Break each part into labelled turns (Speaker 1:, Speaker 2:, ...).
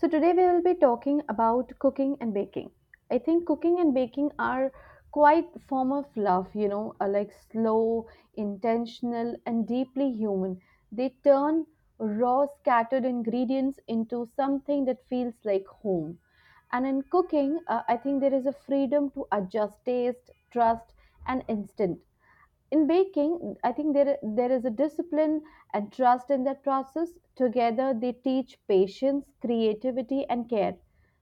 Speaker 1: So, today we will be talking about cooking and baking. I think cooking and baking are quite form of love, are like slow, intentional and deeply human. They turn raw scattered ingredients into something that feels like home. And in cooking, I think there is a freedom to adjust taste, trust and instant. In baking, I think there is a discipline and trust in that process. Together, they teach patience, creativity, and care.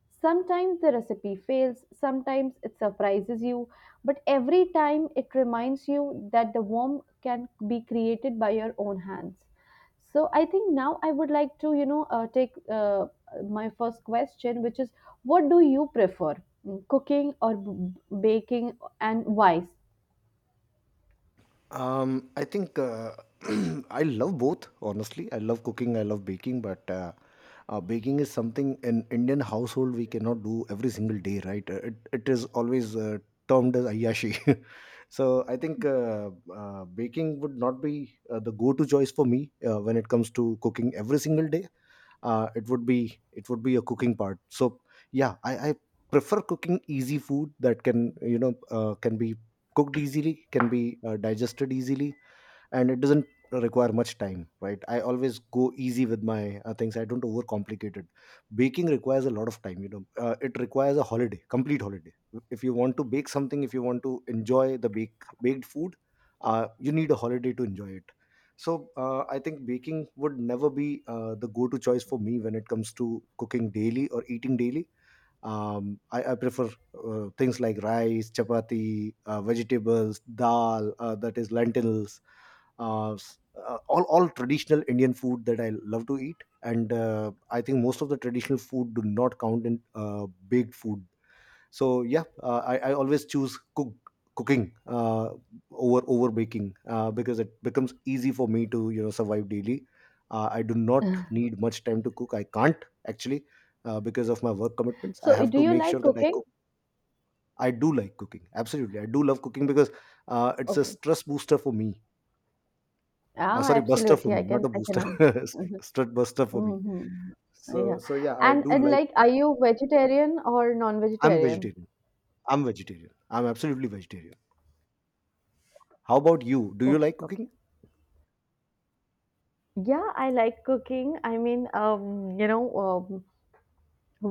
Speaker 1: Sometimes the recipe fails, sometimes it surprises you, but every time it reminds you that the warmth can be created by your own hands. So I think now I would like to, take my first question, which is, what do you prefer, cooking or baking, and why?
Speaker 2: I think I love both. Honestly, I love cooking. I love baking, but baking is something in Indian household we cannot do every single day, right? It is always termed as ayashi. So I think baking would not be the go-to choice for me when it comes to cooking every single day. It would be a cooking part, so yeah, I prefer cooking easy food that can you know can be cooked easily, can be digested easily, and it doesn't require much time, right? I always go easy with my things. I don't overcomplicate it. Baking requires a lot of time. It requires a holiday, complete holiday. If you want to bake something, if you want to enjoy the baked food, you need a holiday to enjoy it. So I think baking would never be the go to choice for me when it comes to cooking daily or eating daily. I prefer things like rice, chapati, vegetables, dal, that is lentils, uh, s- all traditional Indian food that I love to eat, and I think most of the traditional food do not count in baked food. So yeah, I always choose cooking over baking, because it becomes easy for me to survive daily. I do not need much time to cook. I can't actually, because of my work commitments. I
Speaker 1: So
Speaker 2: have
Speaker 1: do
Speaker 2: to
Speaker 1: you
Speaker 2: make
Speaker 1: like
Speaker 2: sure that I
Speaker 1: cooking?
Speaker 2: cook. I do like cooking. Absolutely, I do love cooking because it's a
Speaker 1: Okay.
Speaker 2: stress booster for me,
Speaker 1: Ah,
Speaker 2: sorry, buster for
Speaker 1: absolutely. I
Speaker 2: me, not
Speaker 1: can,
Speaker 2: a
Speaker 1: I
Speaker 2: booster.
Speaker 1: can. Mhm.
Speaker 2: Strut buster for me.
Speaker 1: Mhm.
Speaker 2: so
Speaker 1: Yeah.
Speaker 2: so yeah, I
Speaker 1: And
Speaker 2: do
Speaker 1: and
Speaker 2: like.
Speaker 1: like, are you vegetarian or
Speaker 2: I'm
Speaker 1: non-vegetarian?
Speaker 2: vegetarian. I'm vegetarian. I'm absolutely vegetarian. How about you? Do you
Speaker 1: Okay.
Speaker 2: like
Speaker 1: Okay.
Speaker 2: cooking?
Speaker 1: Yeah, I like cooking. I mean,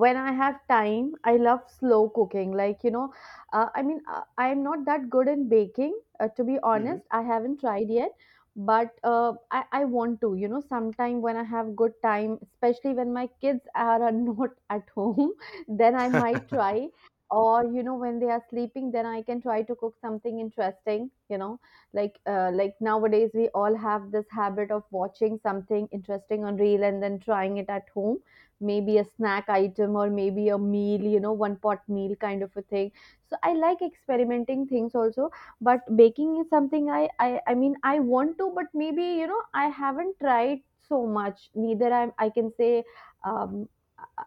Speaker 1: when I have time I love slow cooking, like, I mean, I am not that good in baking, to be
Speaker 2: Hmm.
Speaker 1: honest, I haven't tried yet. But I want to, sometime when I have good time, especially when my kids are not at home, then I might try. Or when they are sleeping, then I can try to cook something interesting, like, like nowadays we all have this habit of watching something interesting on reel and then trying it at home. Maybe a snack item or maybe a meal, one pot meal kind of a thing. So I like experimenting things also. But baking is something, I mean, I want to, but maybe I haven't tried so much, neither I am I can say. um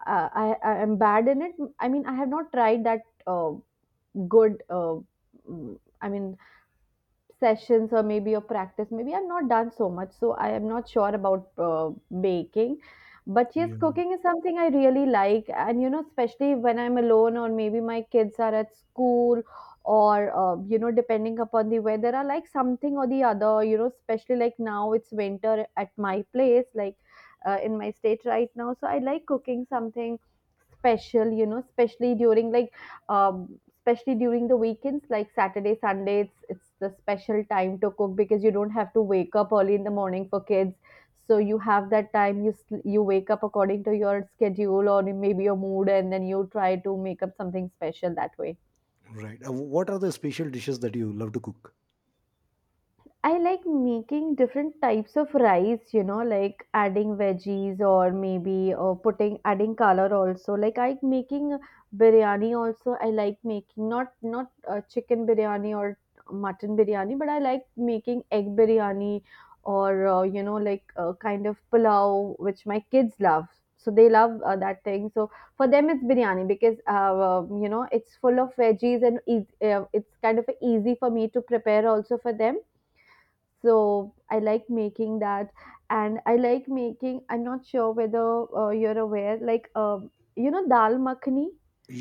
Speaker 1: I, I am bad in it. I mean I have not tried that good, I mean, sessions or maybe a practice. Maybe I've not done so much, so I am not sure about baking. But yes,
Speaker 2: Yeah.
Speaker 1: cooking is something I really like, and especially when I'm alone or maybe my kids are at school, or depending upon the weather, I like something or the other. Especially, like, now it's winter at my place, like in my state right now, so I like cooking something special, especially during, like, especially during the weekends, like Saturday, Sunday, it's the special time to cook, because you don't have to wake up early in the morning for kids. So you have that time, you wake up according to your schedule or maybe your mood, and then you try to make up something special that way.
Speaker 2: Right. What are the special dishes that you love to cook?
Speaker 1: I like making different types of rice, like adding veggies or maybe or putting adding color also. Like I making biryani also. I like making not chicken biryani or mutton biryani, but I like making egg biryani or like, kind of pulao, which my kids love. So they love that thing. So for them it's biryani, because it's full of veggies and eas it's kind of easy for me to prepare also for them. So I like making that. And I like making, I'm not sure whether you're aware, like you know, dal makhani.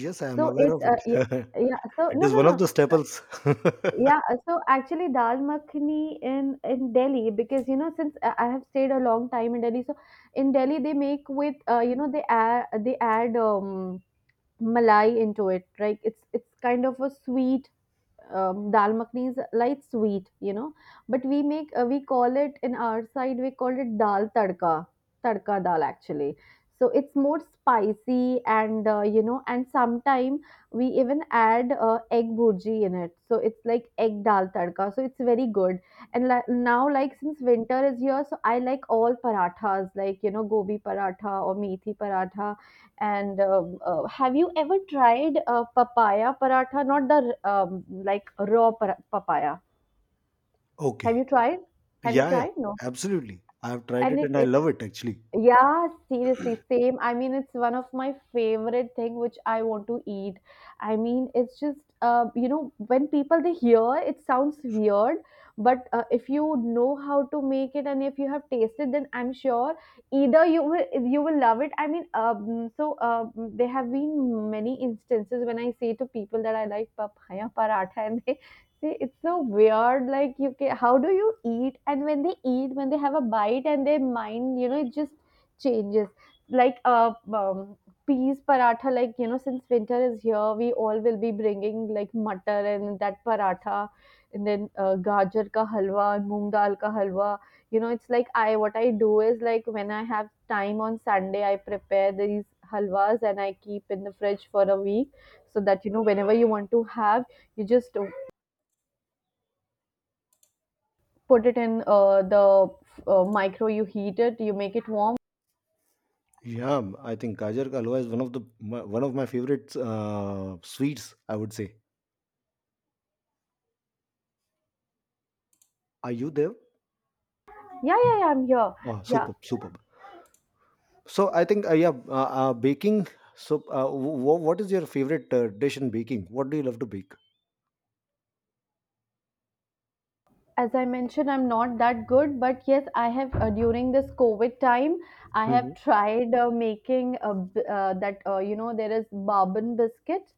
Speaker 2: Yes, I am
Speaker 1: So
Speaker 2: aware
Speaker 1: it's,
Speaker 2: of it.
Speaker 1: yeah, yeah. So
Speaker 2: It
Speaker 1: no,
Speaker 2: is
Speaker 1: no,
Speaker 2: one
Speaker 1: no.
Speaker 2: of the staples.
Speaker 1: Yeah, so actually, dal makhani, in Delhi, because since I have stayed a long time in Delhi. So in Delhi, they make with, they add malai into it, like it's kind of a sweet. Dal makhani is light sweet, but we make, we call it, in our side we call it, dal tadka, tadka dal actually. So it's more spicy and, and sometimes we even add egg bhurji in it. So it's like egg dal tadka. So it's very good. And now, like since winter is here, so I like all parathas, like, gobi paratha or methi paratha. And have you ever tried papaya paratha? Not the, like, raw papaya. Have
Speaker 2: Okay.
Speaker 1: you tried? Have you
Speaker 2: Yeah, yeah,
Speaker 1: tried? No.
Speaker 2: absolutely. I have tried
Speaker 1: And
Speaker 2: it,
Speaker 1: it,
Speaker 2: and I
Speaker 1: it
Speaker 2: love it actually.
Speaker 1: yeah, seriously, same. I mean, it's one of my favorite thing which I want to eat. I mean, it's just, when people they hear it sounds weird. But if you know how to make it and if you have tasted, then I'm sure either you will love it. I mean, so there have been many instances when I say to people that I like papaya paratha, and they say it's so weird. Like, you, ca how do you eat? And when they eat, when they have a bite, and their mind, it just changes. Like, peas paratha. Like, since winter is here, we all will be bringing, like, matar and that paratha. And then gajar ka halwa and moong dal ka halwa. It's like, I what I do is, like, when I have time on Sunday, I prepare these halwas and I keep in the fridge for a week, so that whenever you want to have, you just put it in the micro, you heat it, you make it warm.
Speaker 2: Yeah, I think gajar ka halwa is one of the my, one of my favorite sweets, I would say. Are you there?
Speaker 1: Yeah, yeah, yeah, I'm here.
Speaker 2: Oh,
Speaker 1: Yeah,
Speaker 2: superb, superb. So I think, yeah, baking. So what is your favorite dish in baking? What do you love to bake?
Speaker 1: as I mentioned, I'm not that good, but yes, I have, during this COVID time, I
Speaker 2: Hmm.
Speaker 1: have tried making, that, there is bourbon biscuit,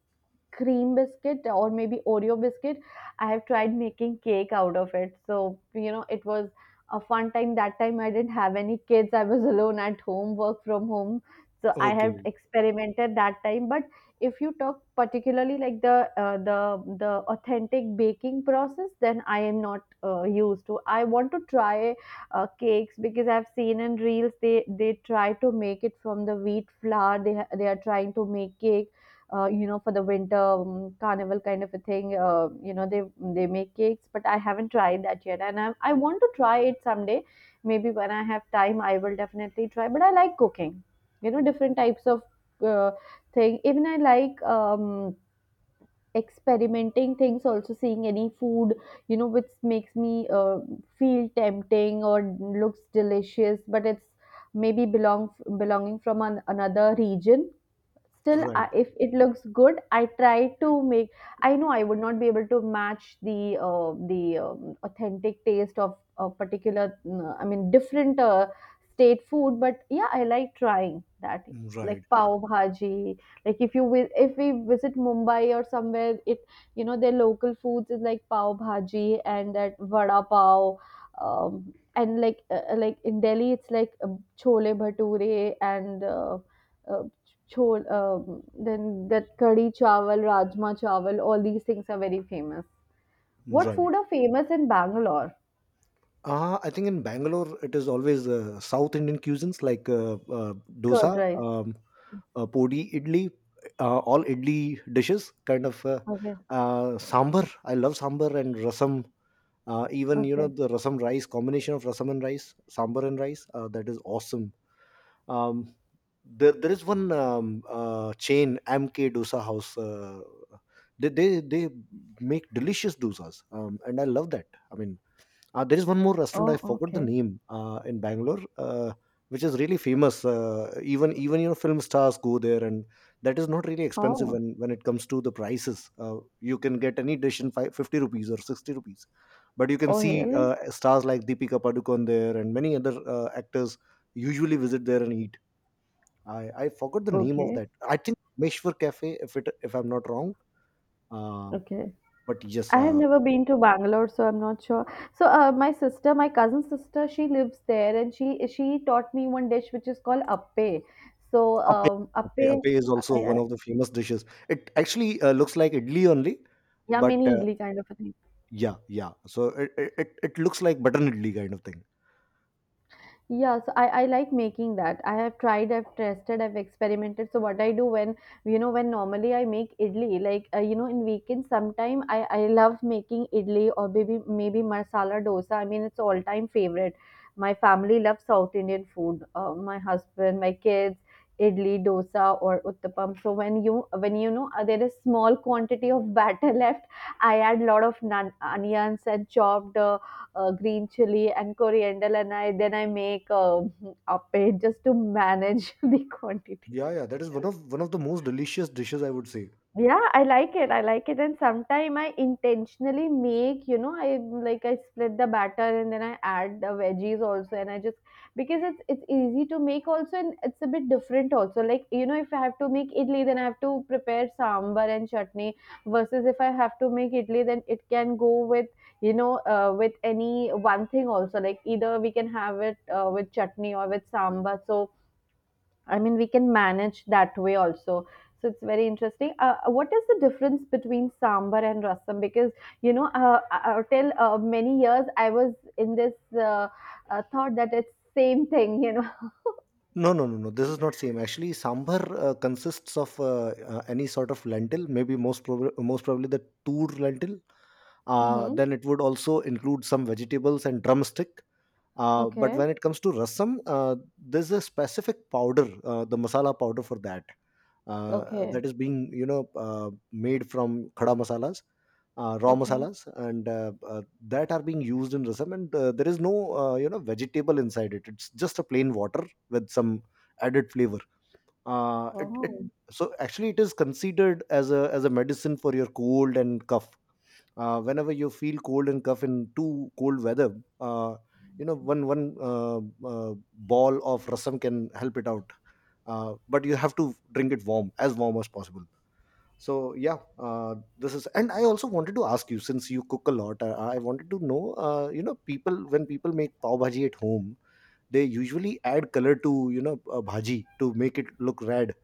Speaker 1: cream biscuit, or maybe Oreo biscuit. I have tried making cake out of it. So it was a fun time. That time I didn't have any kids. I was alone at home, work from home. So I have
Speaker 2: Okay,
Speaker 1: experimented that time. But if you talk particularly, like, the authentic baking process, then I am not used to. I want to try cakes, because I've seen in reels they try to make it from the wheat flour. They are trying to make cake, for the winter, carnival kind of a thing. They make cakes. But I haven't tried that yet, and I want to try it someday. Maybe when I have time, I will definitely try. But I like cooking, different types of uh, thing. Even I like, experimenting things, also seeing any food, which makes me feel tempting or looks delicious. But it's maybe belonging from another region. Still,
Speaker 2: right,
Speaker 1: if it looks good, I try to make. I know I would not be able to match the, authentic taste of a particular, I mean, different, state food. But yeah, I like trying that. Like
Speaker 2: right,
Speaker 1: pav bhaji. Like, if you if we visit Mumbai or somewhere, it you know their local foods is like pav bhaji and that vada pav. um, and, like, like in Delhi it's like, chole bhature and uh, chho, um, then that kadhi chawal, rajma chawal, all these things are very famous. What food
Speaker 2: right.
Speaker 1: are famous in Bangalore?
Speaker 2: I think in Bangalore it is always South Indian cuisines like
Speaker 1: Curd
Speaker 2: dosa,
Speaker 1: rice.
Speaker 2: podi, idli, all idli dishes, kind of
Speaker 1: Okay.
Speaker 2: sambar. I love sambar and rasam. Even,
Speaker 1: Okay.
Speaker 2: the rasam rice combination of rasam and rice, sambar and rice. That is awesome. Um, there is one chain, MK Dosa House. They make delicious dosas, and I love that. I mean, there is one more restaurant, I
Speaker 1: Oh,
Speaker 2: forgot the
Speaker 1: okay.
Speaker 2: name, in Bangalore, which is really famous. Even even film stars go there, and that is not really expensive
Speaker 1: Oh,
Speaker 2: when it comes to the prices. You can get any dish in 550 rupees or 60 rupees, but you can
Speaker 1: oh,
Speaker 2: see
Speaker 1: really?
Speaker 2: stars like Deepika Padukone there, and many other actors usually visit there and eat. I forgot the name of
Speaker 1: Okay.
Speaker 2: that. I think Meshwar Cafe, if I'm not wrong. Uh,
Speaker 1: Okay.
Speaker 2: but yes,
Speaker 1: I have never been to Bangalore, so I'm not sure. So, my sister, my cousin sister, she lives there, and she taught me one dish which is called appe. So,
Speaker 2: appe,
Speaker 1: appe,
Speaker 2: appe is also
Speaker 1: yeah,
Speaker 2: one
Speaker 1: yeah,
Speaker 2: of the famous dishes. It actually looks like idli only,
Speaker 1: yeah, mini
Speaker 2: but
Speaker 1: idli kind of a thing.
Speaker 2: yeah, yeah. So it looks like butter idli kind of thing.
Speaker 1: Yeah, so I like making that. I have tried, I've tested, I've experimented. So what I do when, when normally I make idli, like, in weekends sometime I love making idli or maybe masala dosa. I mean it's all time favorite. My family loves South Indian food. My husband, my kids, idli, dosa or uttapam. So when you know there is small quantity of batter left, I add lot of onions and chopped. Green chili and coriander, and I then I make, a paid, just to manage the quantity.
Speaker 2: Yeah, yeah. That is one of the most delicious dishes, I would say.
Speaker 1: Yeah, I like it. I like it. And sometimes I intentionally make, I split the batter and then I add the veggies also. And I just, because it's easy to make also, and it's a bit different also. Like, if I have to make idli then I have to prepare sambar and chutney, versus if I have to make idli then it can go with any one thing also. Like either we can have it with chutney or with sambar. So I mean, we can manage that way also. So it's very interesting. What is the difference between sambar and rasam? Because you know, till many years I was in this thought that it's same thing.
Speaker 2: No, no, no, no. This is not same. Actually, sambar consists of any sort of lentil. Maybe most probably the tur lentil.
Speaker 1: Mm-hmm.
Speaker 2: Then it would also include some vegetables and drumstick. But
Speaker 1: Okay.
Speaker 2: when it comes to rasam, there's a specific powder, the masala powder for that,
Speaker 1: Okay.
Speaker 2: that is being, made from khada masalas, raw
Speaker 1: Okay.
Speaker 2: masalas, and that are being used in rasam. And there is no vegetable inside it. It's just a plain water with some added flavor. It, it
Speaker 1: Oh.
Speaker 2: so actually it is considered as a medicine for your cold and cough. Whenever you feel cold and cough in too cold weather, one uh, ball of rasam can help it out. But you have to drink it warm, as warm as possible. So yeah. This is And I also wanted to ask you, since you cook a lot, I wanted to know, people when people make pav bhaji at home, they usually add color to, bhaji to make it look red.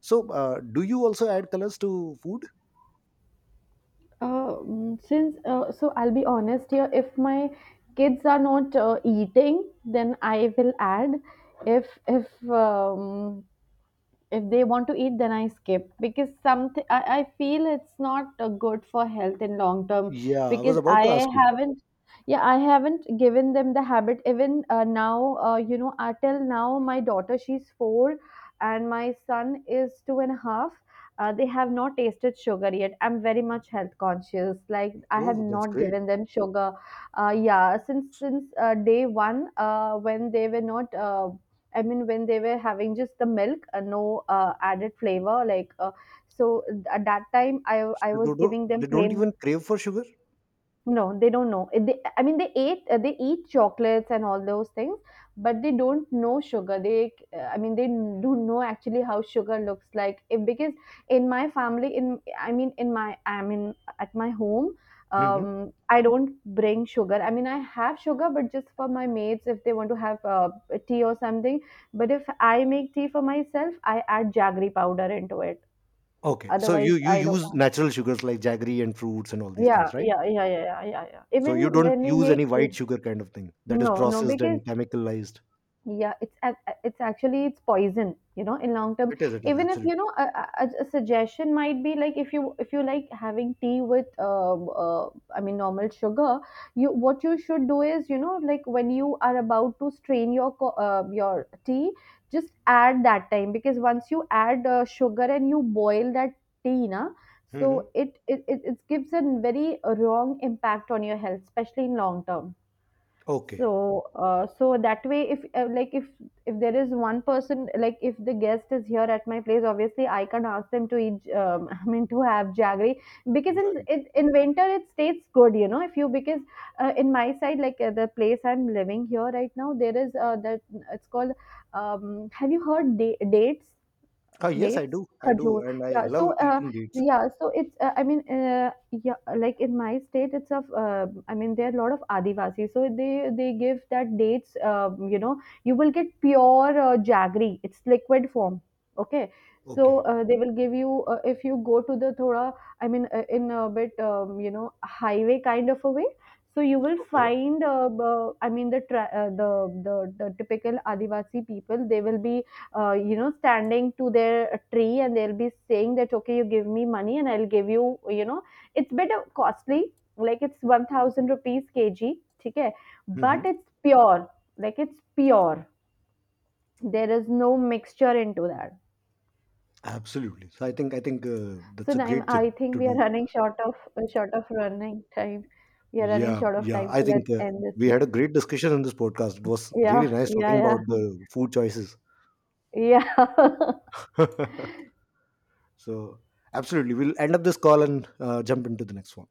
Speaker 2: So do you also add colors to food?
Speaker 1: Mm, since so I'll be honest here. If my kids are not eating, then I will add. If if um, if they want to eat then I skip because something I feel it's not good for health in long term
Speaker 2: Yeah, I
Speaker 1: because
Speaker 2: was about to ask you.
Speaker 1: haven't yeah I haven't given them the habit even now, until now my daughter she's four and my son is two and a half. They have not tasted sugar yet. I'm very much health conscious, like I have
Speaker 2: Oh, that's
Speaker 1: not
Speaker 2: great.
Speaker 1: given them sugar. Yeah, since day one, when they were not I mean, when they were having just the milk, no added flavor. Like, so at that time, I
Speaker 2: They
Speaker 1: was
Speaker 2: don't,
Speaker 1: giving them
Speaker 2: they don't
Speaker 1: plain.
Speaker 2: even crave for sugar.
Speaker 1: No, they don't know. They, I mean, they eat chocolates and all those things, but they don't know sugar. I mean, they don't know actually how sugar looks like. If, Because in my family, in I mean, in I mean, at my home,
Speaker 2: Hmm.
Speaker 1: I don't bring sugar. I mean, I have sugar, but just for my maids if they want to have tea or something. But if I make tea for myself, I add jaggery powder into it.
Speaker 2: Okay, so
Speaker 1: Otherwise,
Speaker 2: you
Speaker 1: I don't.
Speaker 2: use natural sugars like jaggery and fruits and all these
Speaker 1: Yeah,
Speaker 2: things, right?
Speaker 1: yeah, yeah, yeah, yeah, yeah, yeah.
Speaker 2: So you
Speaker 1: Even
Speaker 2: don't
Speaker 1: when we
Speaker 2: use
Speaker 1: make.
Speaker 2: any white sugar kind of thing that is
Speaker 1: No, no,
Speaker 2: processed
Speaker 1: because
Speaker 2: and chemicalized.
Speaker 1: yeah, it's actually it's poison, you know, in long term.
Speaker 2: It is
Speaker 1: Even if
Speaker 2: absolutely.
Speaker 1: you know a suggestion might be like if you like having tea with I mean normal sugar, you what you should do is like when you are about to strain your tea, just add that time because once you add sugar and you boil that tea, na,
Speaker 2: Hmm.
Speaker 1: so it gives a very wrong impact on your health, especially in long term.
Speaker 2: Okay,
Speaker 1: So that way, if like, if there is one person, like if the guest is here at my place, obviously I can't ask them to eat I mean, to have jaggery, because
Speaker 2: right?
Speaker 1: in winter it stays good, if you, because in my side, like the place I'm living here right now, there is that, it's called, have you heard dates.
Speaker 2: Ah, yes,
Speaker 1: Dates,
Speaker 2: I
Speaker 1: khajur.
Speaker 2: do, and I
Speaker 1: Yeah, so
Speaker 2: love eating dates.
Speaker 1: yeah, so it's I mean, yeah, like in my state it's of I mean there are a lot of adivasi, so they give that dates. You know, you will get pure jaggery, it's liquid form. Okay, so
Speaker 2: Okay,
Speaker 1: they will give you if you go to the thoda, I mean, in a bit, highway kind of a way. So you will
Speaker 2: okay.
Speaker 1: find I mean the the typical adivasi people, they will be standing to their tree and they'll be saying that, okay, you give me money and I'll give you, it's bit of costly, like it's 1,000 rupees kg, okay? But
Speaker 2: Hmm.
Speaker 1: it's pure, like it's pure. There is no mixture into that.
Speaker 2: Absolutely. So I think
Speaker 1: So
Speaker 2: that's a
Speaker 1: now
Speaker 2: great
Speaker 1: I
Speaker 2: thing
Speaker 1: think
Speaker 2: to
Speaker 1: we are
Speaker 2: do.
Speaker 1: running short of running time. We are running
Speaker 2: Yeah,
Speaker 1: short of
Speaker 2: yeah.
Speaker 1: time,
Speaker 2: I
Speaker 1: so let's
Speaker 2: think
Speaker 1: end
Speaker 2: we
Speaker 1: this.
Speaker 2: had a great discussion in this podcast. It was
Speaker 1: Yeah,
Speaker 2: really nice talking
Speaker 1: yeah,
Speaker 2: about the food choices.
Speaker 1: yeah, yeah.
Speaker 2: So absolutely, we'll end up this call and jump into the next one.